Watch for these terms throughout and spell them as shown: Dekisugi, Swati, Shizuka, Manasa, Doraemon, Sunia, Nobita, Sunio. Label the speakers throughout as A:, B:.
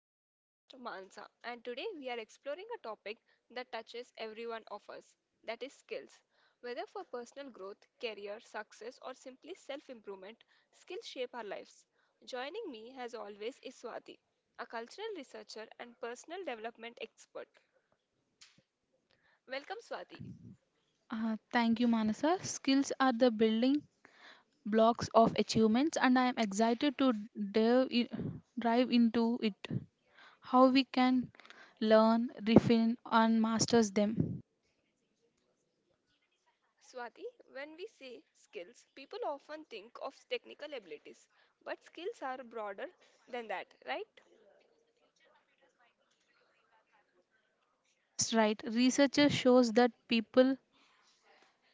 A: I'm your host Mansa, and today we are exploring a topic that touches every one of us that is, skills. Whether for personal growth, career, success, or simply self improvement, skills shape our lives. Joining me, as always, is Swati, a cultural researcher and personal development expert. Welcome, Swati.
B: Thank you, Manasa. Skills are the building blocks of achievements, and I am excited to delve i- dive into it. How we can learn, refine, and master them.
A: Swati, when we say skills, people often think of technical abilities, but skills are broader than that, right?
B: Yes, right. Research shows that people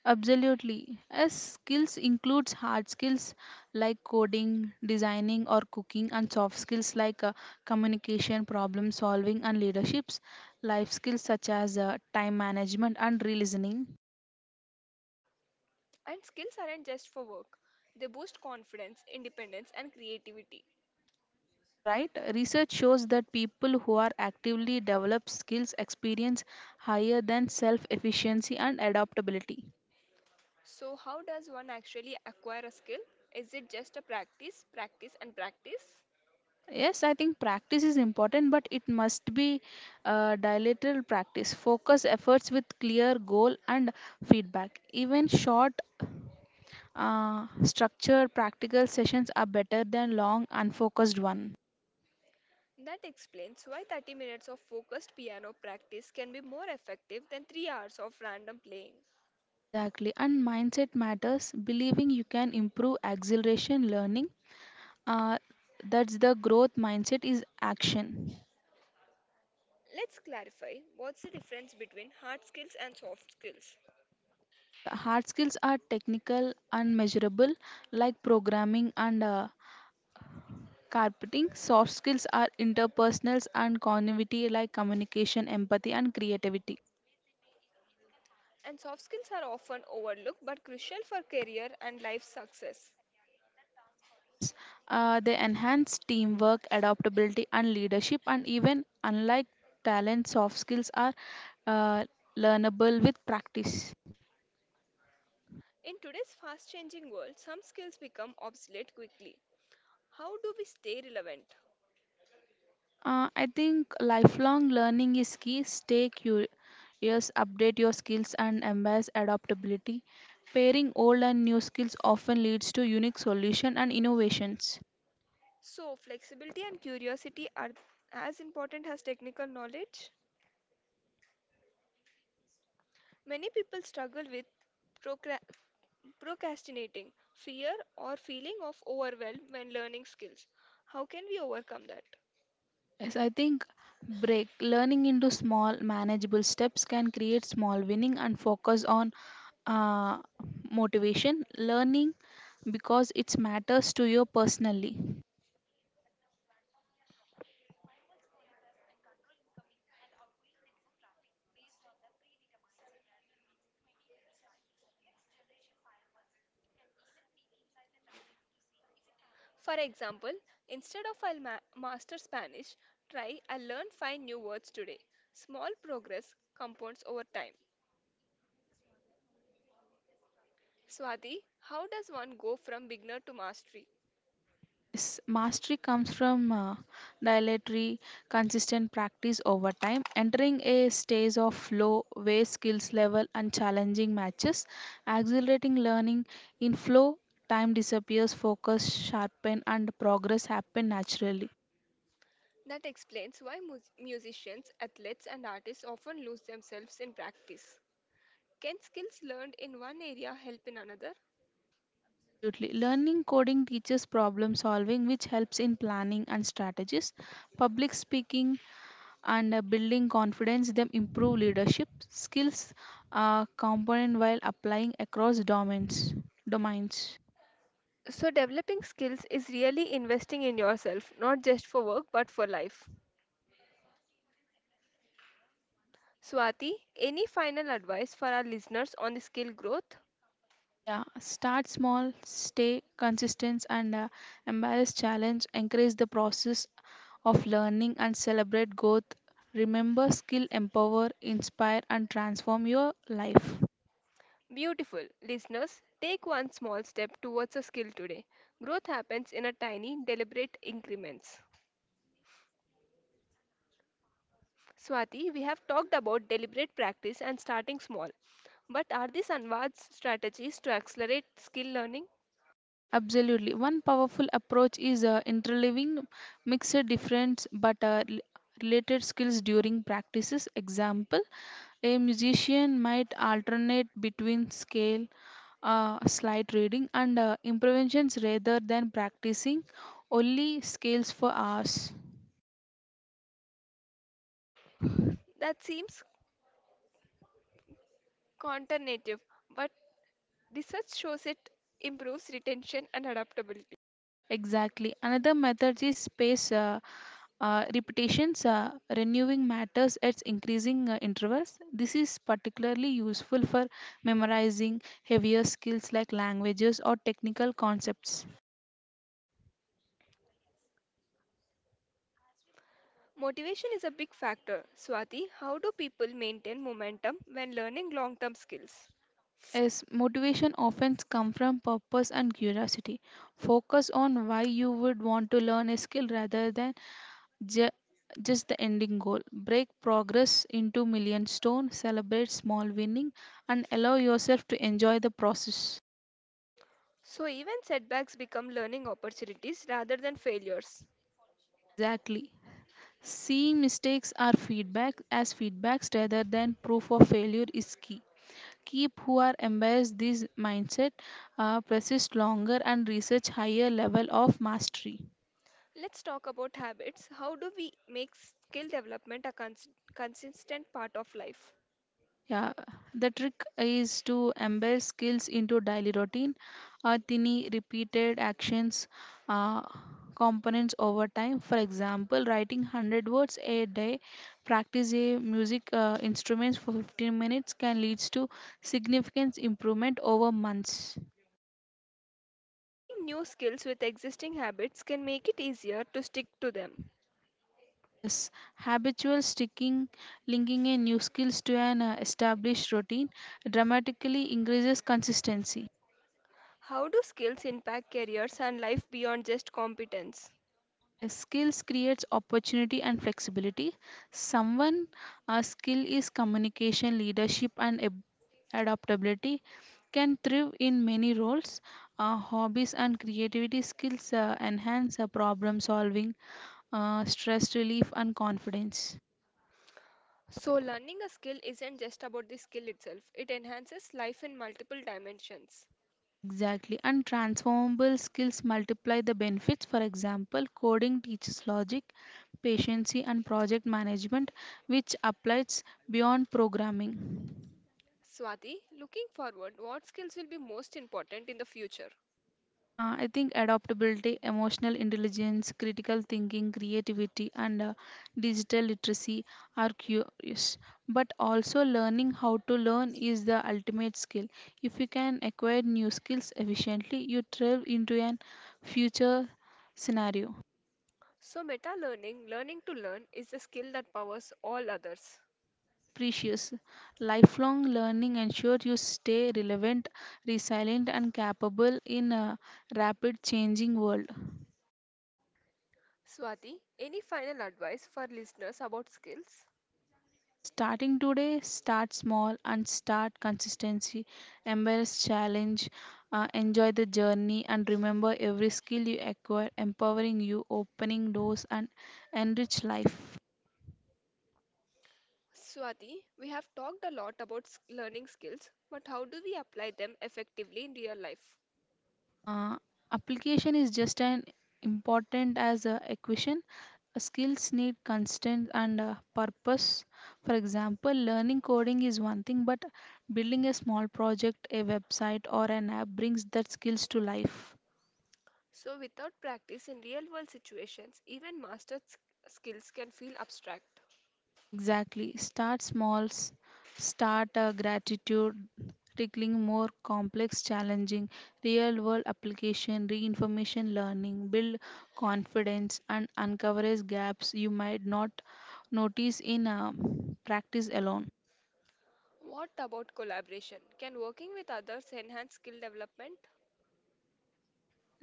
B: absolutely as skills includes hard skills like coding, designing, or cooking, and soft skills like communication, problem solving, and leaderships. Life skills such as time management and re-listening,
A: And skills aren't just for work, they boost confidence, independence, and creativity.
B: right? Research shows that people who are actively develop skills experience higher than self efficiency and adaptability.
A: So, how does one actually acquire a skill? Is it just a practice, practice, and practice?
B: Yes, I think practice is important, but it must be dilated practice. Focus efforts with clear goal and feedback. Even short, structured, practical sessions are better than long, unfocused one.
A: That explains why 30 minutes of focused piano practice can be more effective than 3 hours of random playing.
B: Exactly. And mindset matters. Believing you can improve acceleration learning, uh, that's the growth mindset is action.
A: Let's clarify what's the difference between hard skills and soft skills.
B: S- hard skills are technical and measurable like programming and carpeting. Soft skills are interpersonals and connivity like communication, empathy, and creativity.
A: And soft skills are often overlooked but crucial for career and life success.
B: Yes, they enhance teamwork, adaptability, and leadership, and even unlike talent, soft skills are uh, learnable with practice.
A: In today's fast changing world, some skills become obsolete quickly. How do we stay relevant?
B: I think lifelong learning is key. Stay curious, update your skills, and embrace adaptability. Pairing old and new skills often leads to unique solutions and innovations.
A: So, flexibility and curiosity are as important as technical knowledge. Many people struggle with procra- procrastinating, fear, or feeling of overwhelm when learning skills. How can we overcome that?
B: Yes, I think break learning into small, manageable steps can create small winning and focus on uh, motivation. Learning because it matters to you personally.
A: For example, instead of I'll master Spanish, try I'll learn five new words today. Small progress compounds over time. Swati, how does one go from beginner to mastery?
B: Yes, mastery comes from dilatory, consistent practice over time, entering a stage of flow where skills level and challenging matches, accelerating learning. In flow, time disappears, focus sharpen, and progress happen naturally.
A: That explains why musicians, athletes, and artists often lose themselves in practice. Can skills learned in one area help in another?
B: Absolutely. Learning coding teaches problem solving, which helps in planning and strategies. Public speaking and building confidence them improve leadership skills, component while applying across domains.
A: So, developing skills is really investing in yourself, not just for work but for life. Swati, any final advice for our listeners on the skill growth?
B: Yeah, start small, stay consistent, and embrace challenge, encourage the process of learning, and celebrate growth. Remember, skill empower, inspire, and transform your life.
A: Beautiful. Listeners, take one small step towards a skill today. Growth happens in a tiny, deliberate increments. Swati, we have talked about deliberate practice and starting small. But are these Anwad's strategies to accelerate skill learning?
B: Absolutely. One powerful approach is interleaving mixed different but related skills during practices. Example, a musician might alternate between scale, slight reading, and improvisations rather than practicing only scales for hours.
A: That seems counterintuitive, but research shows it improves retention and adaptability.
B: Exactly. Another method is space repetitions, renewing matters at increasing intervals. This is particularly useful for memorizing heavier skills like languages or technical concepts.
A: Motivation is a big factor. Swati, how do people maintain momentum when learning long term skills?
B: Is motivation often comes from purpose and curiosity. Focus on why you would want to learn a skill rather than ju- just the ending goal. Break progress into million stone, celebrate small winning, and allow yourself to enjoy the process.
A: So, even setbacks become learning opportunities rather than failures.
B: Exactly. See, mistakes are feedback as feedbacks rather than proof of failure is key. Keep who are embraced this mindset, persist longer and research higher level of mastery.
A: Let's talk about habits. How do we make skill development a consistent part of life?
B: Yeah, the trick is to embed skills into daily routine or tiny repeated actions, uh, components over time. For example, writing 100 words a day, practice a music instruments for 15 minutes can lead to significant improvement over months.
A: Pairing new skills with existing habits can make it easier to stick to them.
B: S. Habitual sticking, linking a new skills to an established routine dramatically increases consistency.
A: How do skills impact careers and life beyond just competence?
B: A skills creates opportunity and flexibility. Someone a skill is communication, leadership, and adaptability can thrive in many roles. Hobbies and creativity skills enhance problem solving, stress relief, and confidence.
A: So, learning a skill isn't just about the skill itself, it enhances life in multiple dimensions.
B: Exactly, and transformable skills multiply the benefits. For example, coding teaches logic, patience, and project management, which applies beyond programming.
A: Swati, looking forward, what skills will be most important in the future?
B: I think adaptability, emotional intelligence, critical thinking, creativity, and digital literacy are curious. But also, learning how to learn is the ultimate skill. If you can acquire new skills efficiently, you thrive into an future scenario.
A: So, meta learning, learning to learn, is a skill that powers all others.
B: Yes, precious. Lifelong learning ensures you stay relevant, resilient, and capable in a rapid changing world.
A: Swati, any final advice for listeners about skills?
B: Starting today, start small and start consistency. Embrace challenge, enjoy the journey, and remember every skill you acquire, empowering you, opening doors, and enrich life.
A: Swati, we have talked a lot about learning skills, but how do we apply them effectively in real life?
B: Uh, Application is just as important as a equation. Skills need constant and purpose. For example, learning coding is one thing, but building a small project, a website, or an app brings that skills to life.
A: So, without practice in real world situations, even mastered skills can feel abstract.
B: Exactly. Start small, start a gratitude, tackling more complex, challenging, real world application, reinformation learning, build confidence, and uncovers gaps you might not notice in practice alone.
A: What about collaboration? Can working with others enhance skill development?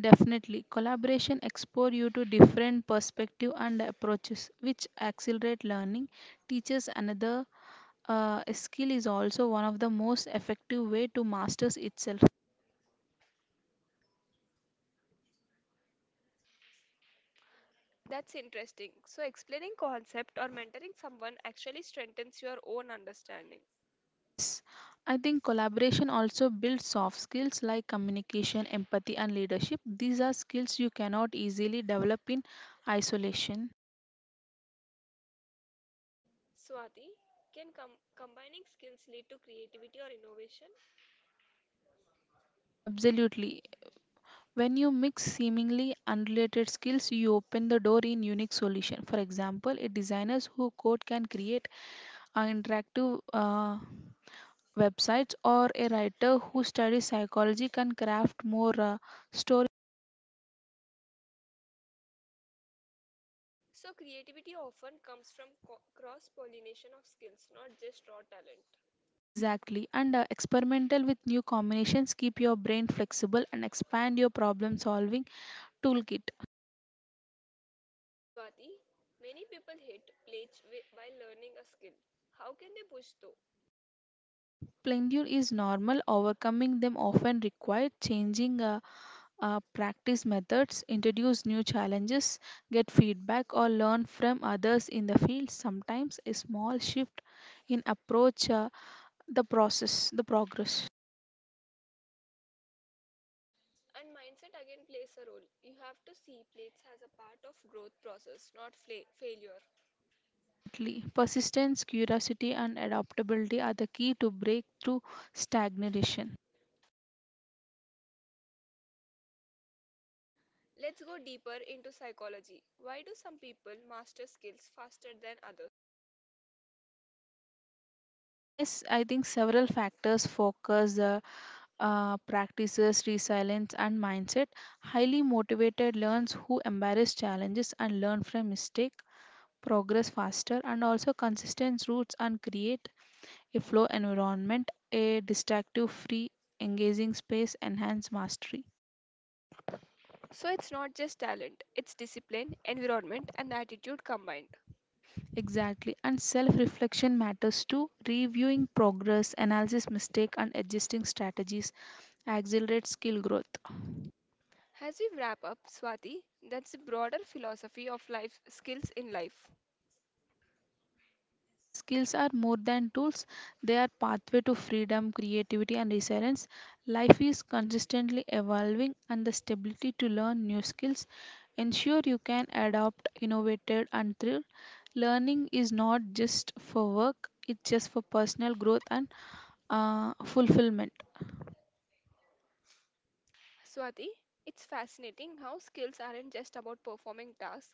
B: Definitely, collaboration expose you to different perspective and approaches, which accelerate learning. Teaches another skill is also one of the most effective way to masters itself.
A: That's interesting. So, explaining concept or mentoring someone actually strengthens your own understanding.
B: Yes, I think collaboration also builds soft skills like communication, empathy, and leadership. These are skills you cannot easily develop in isolation.
A: Swati, can combining skills lead to creativity or innovation?
B: Absolutely. When you mix seemingly unrelated skills, you open the door in unique solution. For example, a designers who code can create interactive websites, or a writer who studies psychology can craft more
A: So, creativity often comes from cross pollination of skills, not just raw talent.
B: Exactly, and experimental with new combinations, keep your brain flexible, and expand your problem solving toolkit.
A: Swati, many people hate plates while learning a skill. How can they push through?
B: Plenty is normal. Overcoming them often requires changing practice methods, introduce new challenges, get feedback, or learn from others in the field. Sometimes a small shift in approach, the process, the progress.
A: And mindset again plays a role. You have to see plates as a part of growth process, not failure.
B: Exactly. Persistence, curiosity, and adaptability are the key to break through stagnation.
A: Let's go deeper into psychology. Why do some people master skills faster than others?
B: Yes, I think several factors focus the practices, resilience, and mindset. Highly motivated learns who embrace challenges and learn from mistake, progress faster, and also consistent routes and create a flow environment, a distractive, free, engaging space, enhance mastery.
A: So it's not just talent, it's discipline, environment, and attitude combined.
B: Exactly, and self reflection matters too. Reviewing progress, analysis mistake, and adjusting strategies accelerates skill growth.
A: As we wrap up, Swati, that's the broader philosophy of life skills in life.
B: Skills are more than tools, they are pathway to freedom, creativity, and resilience. Life is consistently evolving and the stability to learn new skills ensure you can adopt, innovated, and thrive. Learning is not just for work, it's just for personal growth and fulfillment.
A: Swati, it's fascinating how skills aren't just about performing tasks,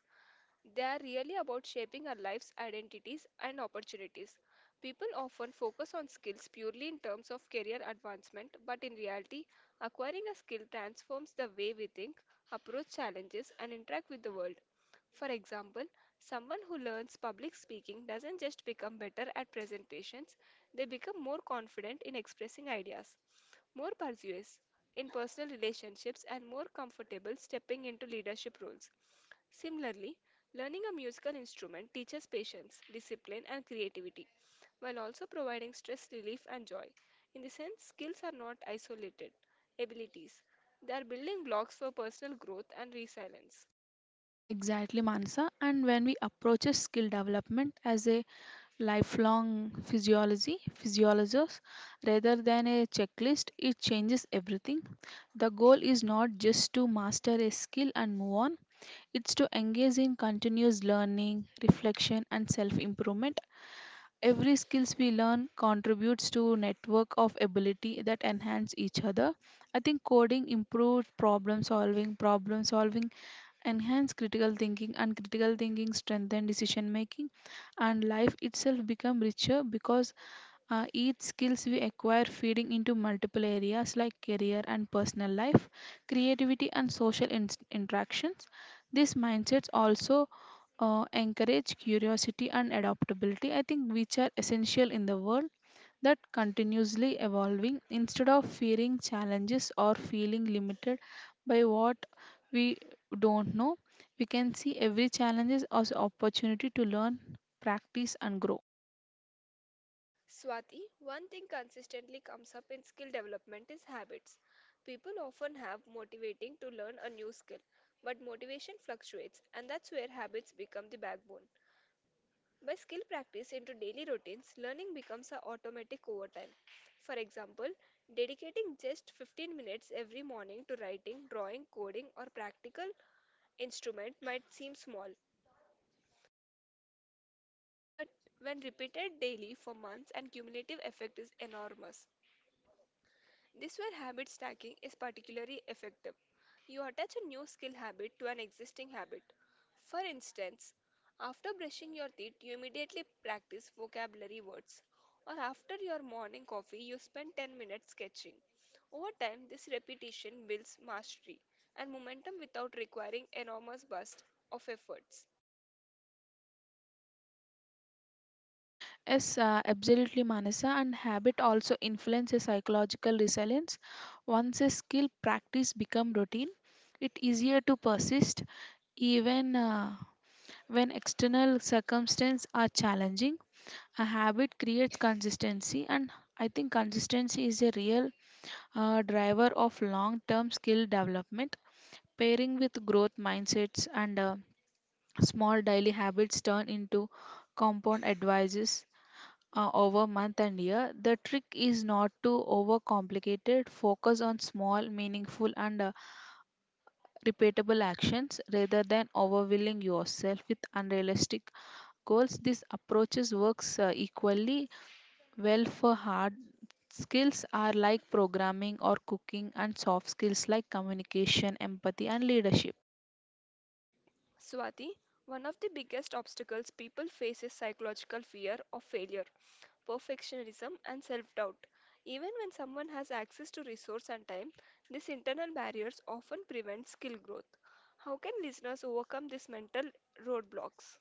A: they are really about shaping our lives, identities, and opportunities. People often focus on skills purely in terms of career advancement, but in reality, acquiring a skill transforms the way we think, approach challenges, and interact with the world. For example, someone who learns public speaking doesn't just become better at presentations, they become more confident in expressing ideas, more persuasive in personal relationships, and more comfortable stepping into leadership roles. Similarly, learning a musical instrument teaches patience, discipline, and creativity, while also providing stress relief and joy. In this sense, skills are not isolated abilities, they are building blocks for personal growth and resilience.
B: Exactly, Mansa. And when we approach a skill development as a lifelong physiology physiologists, rather than a checklist, it changes everything. The goal is not just to master a skill and move on, it's to engage in continuous learning, reflection, and self improvement. Every skills we learn contributes to network of ability that enhance each other. I think coding improves problem solving, problem solving enhance critical thinking, and critical thinking strengthen decision making. And life itself become richer because each skills we acquire feeding into multiple areas like career and personal life, creativity, and social interactions. These mindsets also encourage curiosity and adaptability, I think, which are essential in the world that continuously evolving. Instead of fearing challenges or feeling limited by what we don't know, we can see every challenge as opportunity to learn, practice, and grow.
A: Swati, one thing consistently comes up in skill development is habits. People often have motivating to learn a new skill, but motivation fluctuates, and that's where habits become the backbone. By skill practice into daily routines, learning becomes a automatic over time. For example, dedicating just 15 minutes every morning to writing, drawing, coding, or practical instrument might seem small, but when repeated daily for months, and cumulative effect is enormous. This where habit stacking is particularly effective. You attach a new skill habit to an existing habit. For instance, after brushing your teeth, you immediately practice vocabulary words, or after your morning coffee, you spend 10 minutes sketching. Over time, this repetition builds mastery and momentum without requiring enormous bursts of efforts.
B: Yes, absolutely, Manasa. And habit also influences psychological resilience. Once a skill practice become routine, it easier to persist even when external circumstances are challenging. A habit creates consistency, and I think consistency is a real driver of long term skill development. Pairing with growth mindsets and small daily habits turn into compound advices over month and year. The trick is not to overcomplicate it. Focus on small, meaningful, and repeatable actions rather than overwhelming yourself with unrealistic goals. This approaches works equally well for hard skills are like programming or cooking, and soft skills like communication, empathy, and leadership.
A: Swati, one of the biggest obstacles people face is psychological fear of failure, perfectionism, and self doubt. Even when someone has access to resource and time, these internal barriers often prevent skill growth. How can listeners overcome these mental roadblocks?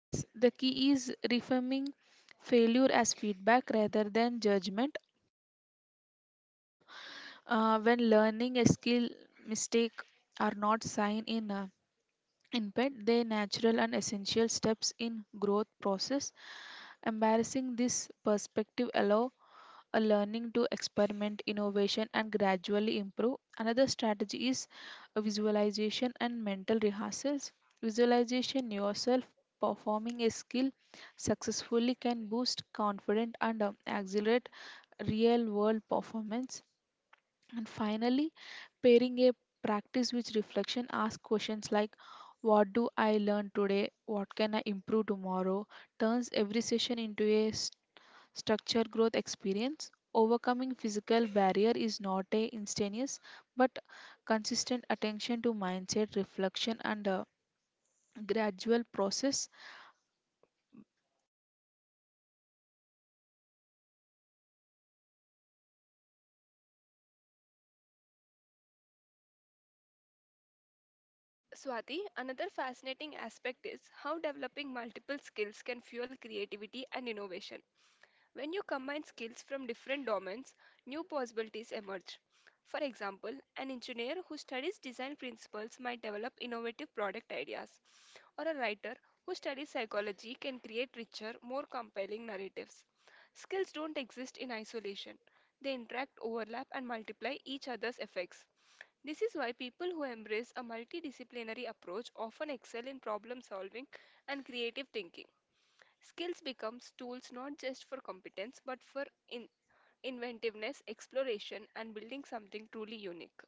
B: Yes, the key is reframing failure as feedback rather than judgment. When learning a skill, mistake are not sign in imped. They natural and essential steps in growth process. Embarrassing this perspective allow a learning to experiment, innovation, and gradually improve. Another strategy is a visualization and mental rehearsals. Visualization yourself performing a skill successfully can boost confidence and accelerate real world performance. And finally, pairing a practice with reflection, ask questions like, what do I learn today? What can I improve tomorrow? Turns every session into a structure growth experience. Overcoming physical barrier is not a instantaneous, but consistent attention to mindset, reflection, and a gradual process.
A: Swati, another fascinating aspect is how developing multiple skills can fuel creativity and innovation. When you combine skills from different domains, new possibilities emerge. For example, an engineer who studies design principles might develop innovative product ideas, or a writer who studies psychology can create richer, more compelling narratives. Skills don't exist in isolation, they interact, overlap, and multiply each other's effects. This is why people who embrace a multidisciplinary approach often excel in problem solving and creative thinking. Skills becomes tools not just for competence but for inventiveness, exploration, and building something truly unique.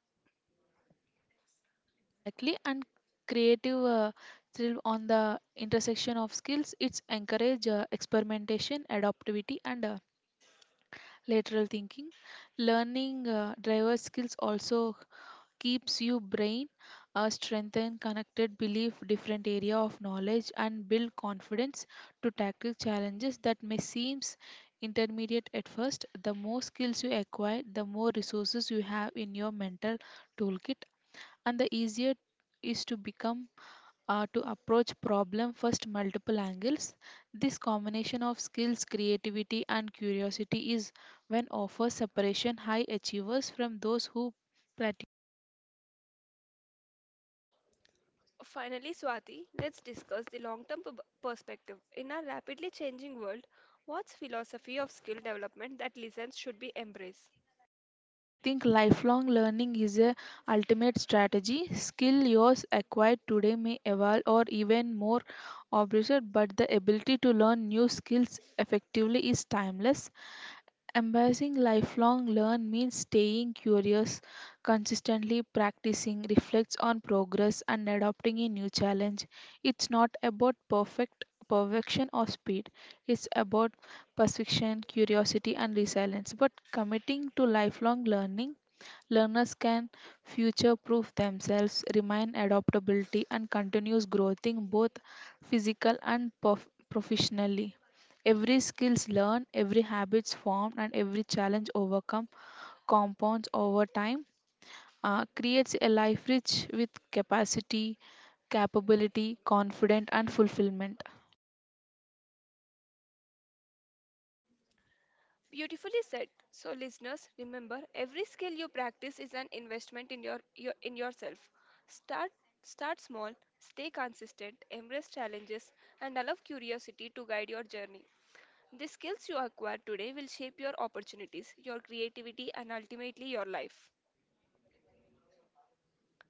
B: Exactly, and creative thrill on the intersection of skills. It's encourage experimentation, adaptivity, and lateral thinking. Learning driver skills also keeps your brain strengthen connected believe different area of knowledge and build confidence to tackle challenges that may seems intermediate at first. The more skills you acquire, the more resources you have in your mental toolkit, and the easier is to become, to approach problem first multiple angles. This combination of skills, creativity, and curiosity is when offers separation high achievers from those who practice.
A: Finally, Swati, let's discuss the long term perspective. In our rapidly changing world, what's philosophy of skill development that lessons should be embraced?
B: I think lifelong learning is a ultimate strategy. Skill yours acquired today may evolve or even more obsolete, but the ability to learn new skills effectively is timeless. Embracing lifelong learn means staying curious, consistently practicing, reflects on progress, and adopting a new challenge. It's not about perfect perfection or speed. It's about perception, curiosity, and resilience. But committing to lifelong learning, learners can future proof themselves, remain adaptability and continuous growth in both physical and professionally. Every skills learned, every habits formed, and every challenge overcome compounds over time, creates a life rich with capacity, capability, confidence, and fulfillment.
A: Beautifully said. So, listeners, remember every skill you practice is an investment in your in yourself. Start Start small, stay consistent, embrace challenges, and allow curiosity to guide your journey. The skills you acquire today will shape your opportunities, your creativity, and ultimately your life.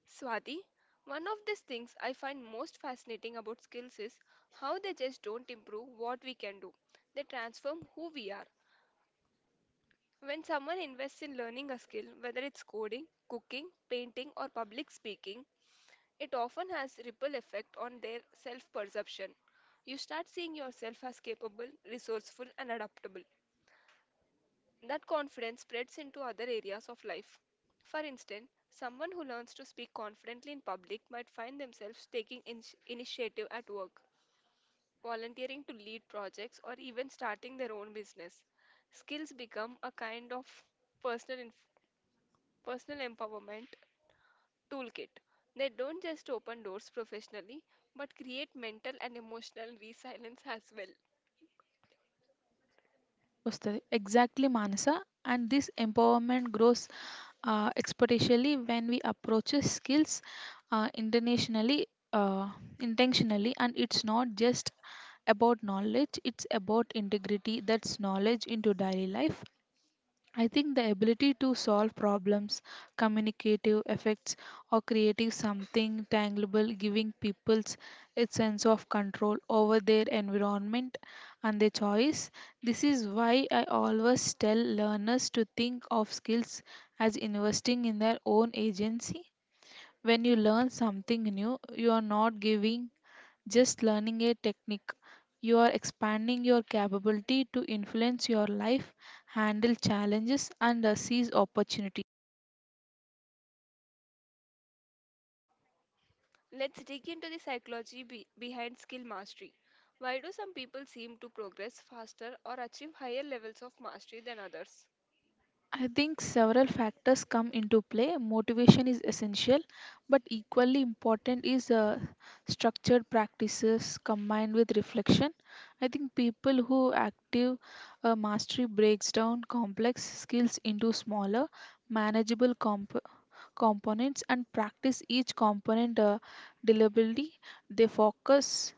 A: Swati, one of these things I find most fascinating about skills is how they just don't improve what we can do. They transform who we are. When someone invests in learning a skill, whether it's coding, cooking, painting, or public speaking, it often has ripple effect on their self-perception. You start seeing yourself as capable, resourceful, and adaptable. That confidence spreads into other areas of life. For instance, someone who learns to speak confidently in public might find themselves taking initiative at work, volunteering to lead projects, or even starting their own business. Skills become a kind of personal Personal Empowerment Toolkit. They don't just open doors professionally, but create mental and emotional resilience as well.
B: వస్తది. Exactly, Manasa. And this empowerment grows exponentially when we approach skills uh, internationally, uh, intentionally, and it's not just about knowledge, it's about integrity. That's knowledge into daily life. I think the ability to solve problems, communicative effects, or creative something tangible, giving peoples a sense of control over their environment and their choice. This is why I always tell learners to think of skills as investing in their own agency. When you learn something new, you are not giving just learning a technique. You are expanding your capability to influence your life, handle challenges, and seize opportunities.
A: Let's dig into the psychology behind skill mastery. Why do some people seem to progress faster or achieve higher levels of mastery than others?
B: I think several factors come into play. Motivation is essential, but equally important is structured practices combined with reflection. I think people who active mastery breaks down complex skills into smaller, manageable components and practice each component deliberately. They focus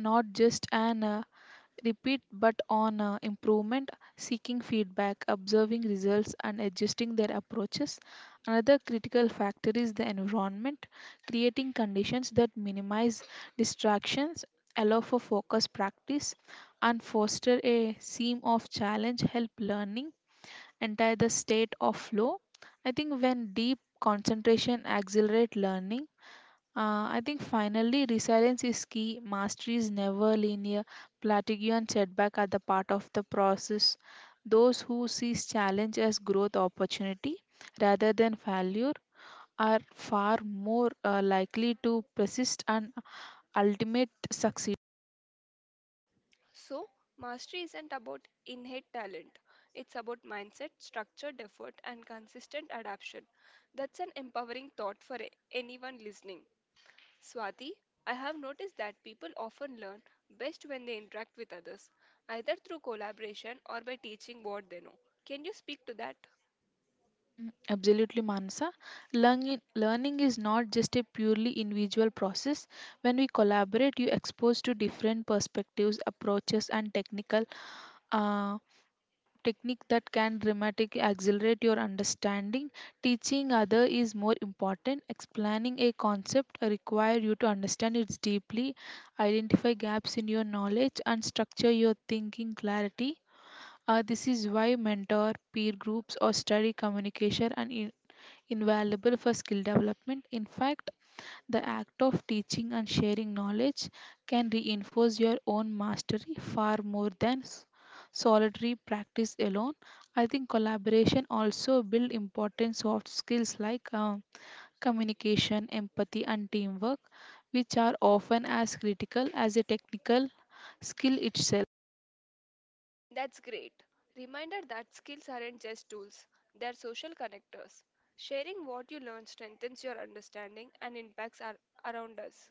B: not just on repeat but on improvement, seeking feedback, observing results, and adjusting their approaches. Another critical factor is the environment, creating conditions that minimize distractions, allow for focus practice, and foster a seam of challenge help learning entire the state of flow. I think when deep concentration accelerate learning, I think finally resilience is key. Mastery is never linear. Plateau and setback are the part of the process. Those who sees challenge as growth opportunity rather than failure are far more likely to persist and ultimate success.
A: So, mastery isn't about innate talent. It's about mindset, structured effort, and consistent adaptation. That's an empowering thought for anyone listening. Swati, I have noticed that people often learn best when they interact with others, either through collaboration or by teaching what they know. Can you speak to that?
B: Mm, absolutely, Mansa. Learning is not just a purely individual process. When we collaborate, you expose to different perspectives, approaches, and technical uh, technique that can dramatically accelerate your understanding. Teaching other is more important. Explaining a concept require you to understand it deeply, identify gaps in your knowledge, and structure your thinking clarity. This is why mentor, peer groups, or study communication and invaluable for skill development. In fact, the act of teaching and sharing knowledge can reinforce your own mastery far more than solitary practice alone. I think collaboration also build important soft skills like communication, empathy, and teamwork, which are often as critical as a technical skill itself.
A: That's great. Reminder that skills aren't just tools, they're social connectors. Sharing what you learn strengthens your understanding and impacts around us.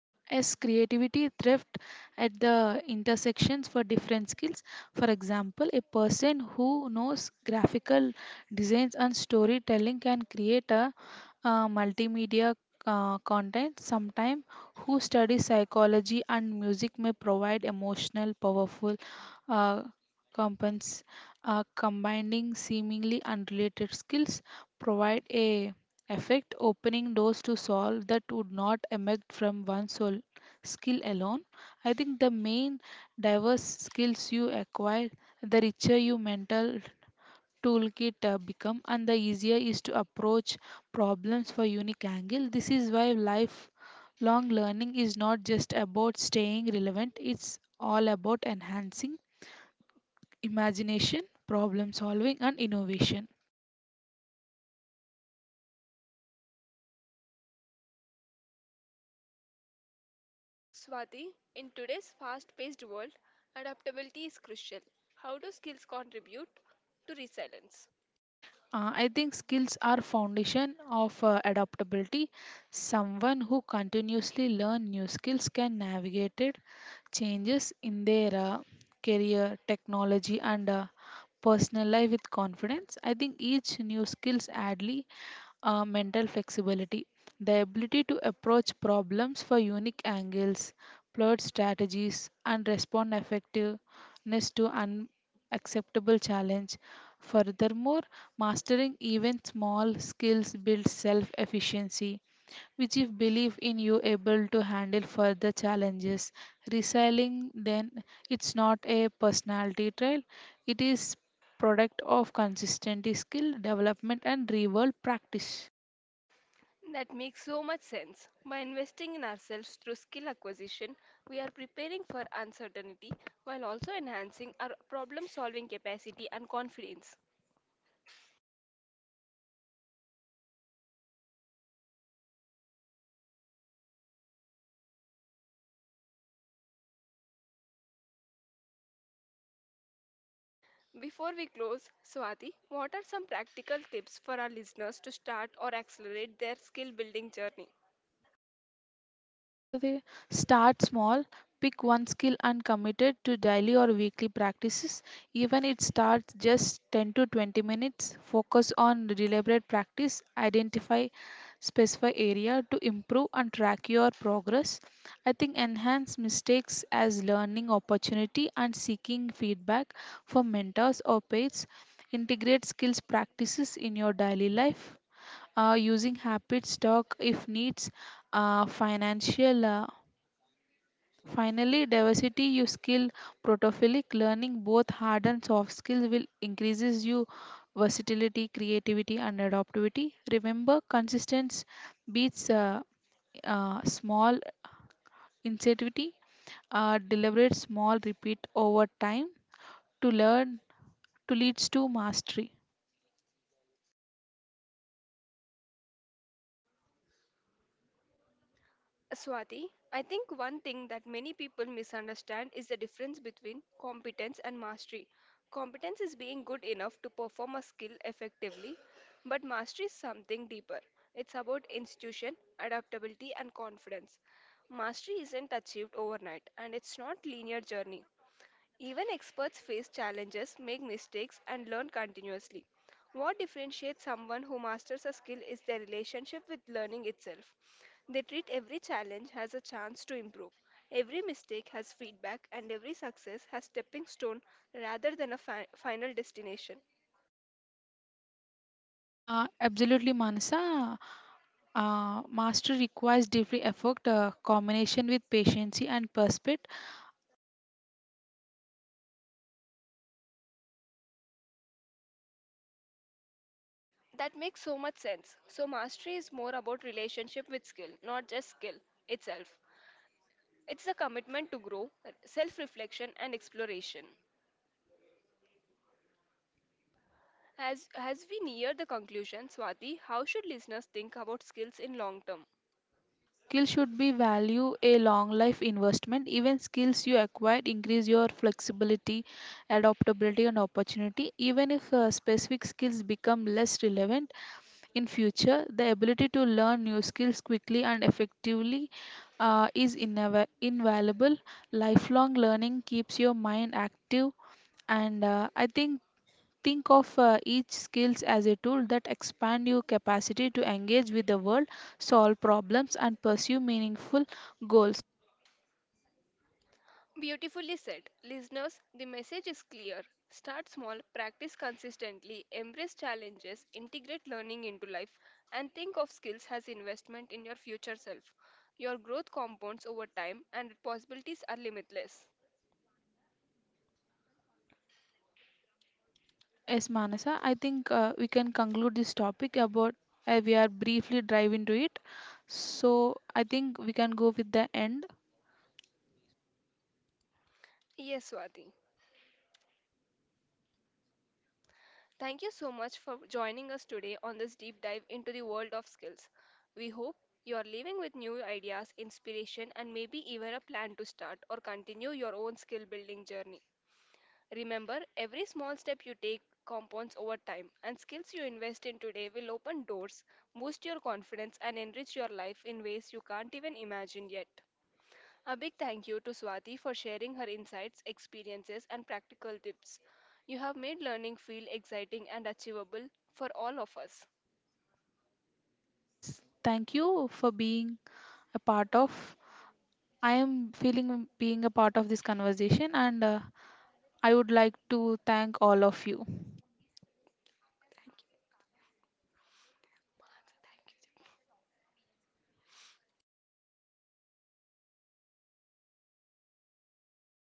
B: uh, as creativity thrift at the intersections for different skills, for example, a person who knows graphical designs and storytelling can create a multimedia content sometime who studies psychology and music may provide emotional powerful uh, compens combining seemingly unrelated skills provide a effect, opening doors to solve that would not emerge from one sole skill alone. I think the main diverse skills you acquire, the richer your mental toolkit become, and the easier is to approach problems for unique angle. This is why lifelong learning is not just about staying relevant; it's all about enhancing imagination, problem solving, and innovation.
A: Swati, in today's fast paced world, adaptability is crucial. How do skills contribute to resilience?
B: I think skills are foundation of adaptability. Someone who continuously learn new skills can navigate it, changes in their career, technology, and personal life with confidence. I think each new skills adds mental flexibility, the ability to approach problems for unique angles, plot strategies, and respond effectiveness to unacceptable challenge. Furthermore, mastering even small skills builds self efficiency, which, if belief in you able to handle further challenges, reselling then it's not a personality trait, it is product of consistency skill development and real world practice.
A: That makes so much sense. By investing in ourselves through skill acquisition, we are preparing for uncertainty while also enhancing our problem solving capacity and confidence. Before we close, Swati, what are some practical tips for our listeners to start or accelerate their skill building journey?
B: Vastavey. Start small, pick one skill and commit it to daily or weekly practices. Even it starts just 10 to 20 minutes. Focus on deliberate practice, identify specify area to improve and track your progress. I think enhance mistakes as learning opportunity and seeking feedback from mentors or peers. Integrate skills practices in your daily life using habit stock if needs financial finally diversity you skill protophilic learning both hard and soft skills will increases you versatility creativity and adaptivity remember consistency beats small incentivity deliberate small repeat over time to learn to leads to mastery.
A: Swati, I think one thing that many people misunderstand is the difference between competence and mastery. Competence is being good enough to perform a skill effectively, but mastery is something deeper. It's about institution, adaptability, and confidence. Mastery isn't achieved overnight, and it's not linear journey. Even experts face challenges, make mistakes, and learn continuously. What differentiates someone who masters a skill is their relationship with learning itself. They treat every challenge as a chance to improve. Every mistake has feedback, and every success has stepping stone rather than a final destination.
B: Absolutely, Manasa. Mastery requires different effort, combination with patience and perspective.
A: That makes so much sense. So, mastery is more about relationship with skill, not just skill itself. It's a commitment to grow, self reflection, and exploration. As we near the conclusion, Swati, how should listeners think about skills in long term?
B: Skill should be value a long life investment. Even skills you acquire increase your flexibility, adaptability, and opportunity. Even if specific skills become less relevant in future, the ability to learn new skills quickly and effectively is invaluable. Lifelong learning keeps your mind active, and I think of each skills as a tool that expand your capacity to engage with the world, solve problems and pursue meaningful goals.
A: Beautifully said. Listeners, the message is clear. Start small, practice consistently, embrace challenges, integrate learning into life, and think of skills as investment in your future self. Your growth compounds over time and possibilities are limitless.
B: Yes, Manasa, I think we can conclude this topic about we are briefly dive into it. So I think we can go with the end.
A: Yes, Swati. Thank you so much for joining us today on this deep dive into the world of skills. We hope you are leaving with new ideas, inspiration, and maybe even a plan to start or continue your own skill building journey. Remember, every small step you take compounds over time, and skills you invest in today will open doors, boost your confidence, and enrich your life in ways you can't even imagine yet. A big thank you to Swati for sharing her insights, experiences, and practical tips. You have made learning feel exciting and achievable for all of us.
B: Thank you for being a part of. I am feeling being a part of this conversation, and I would like to thank all of you.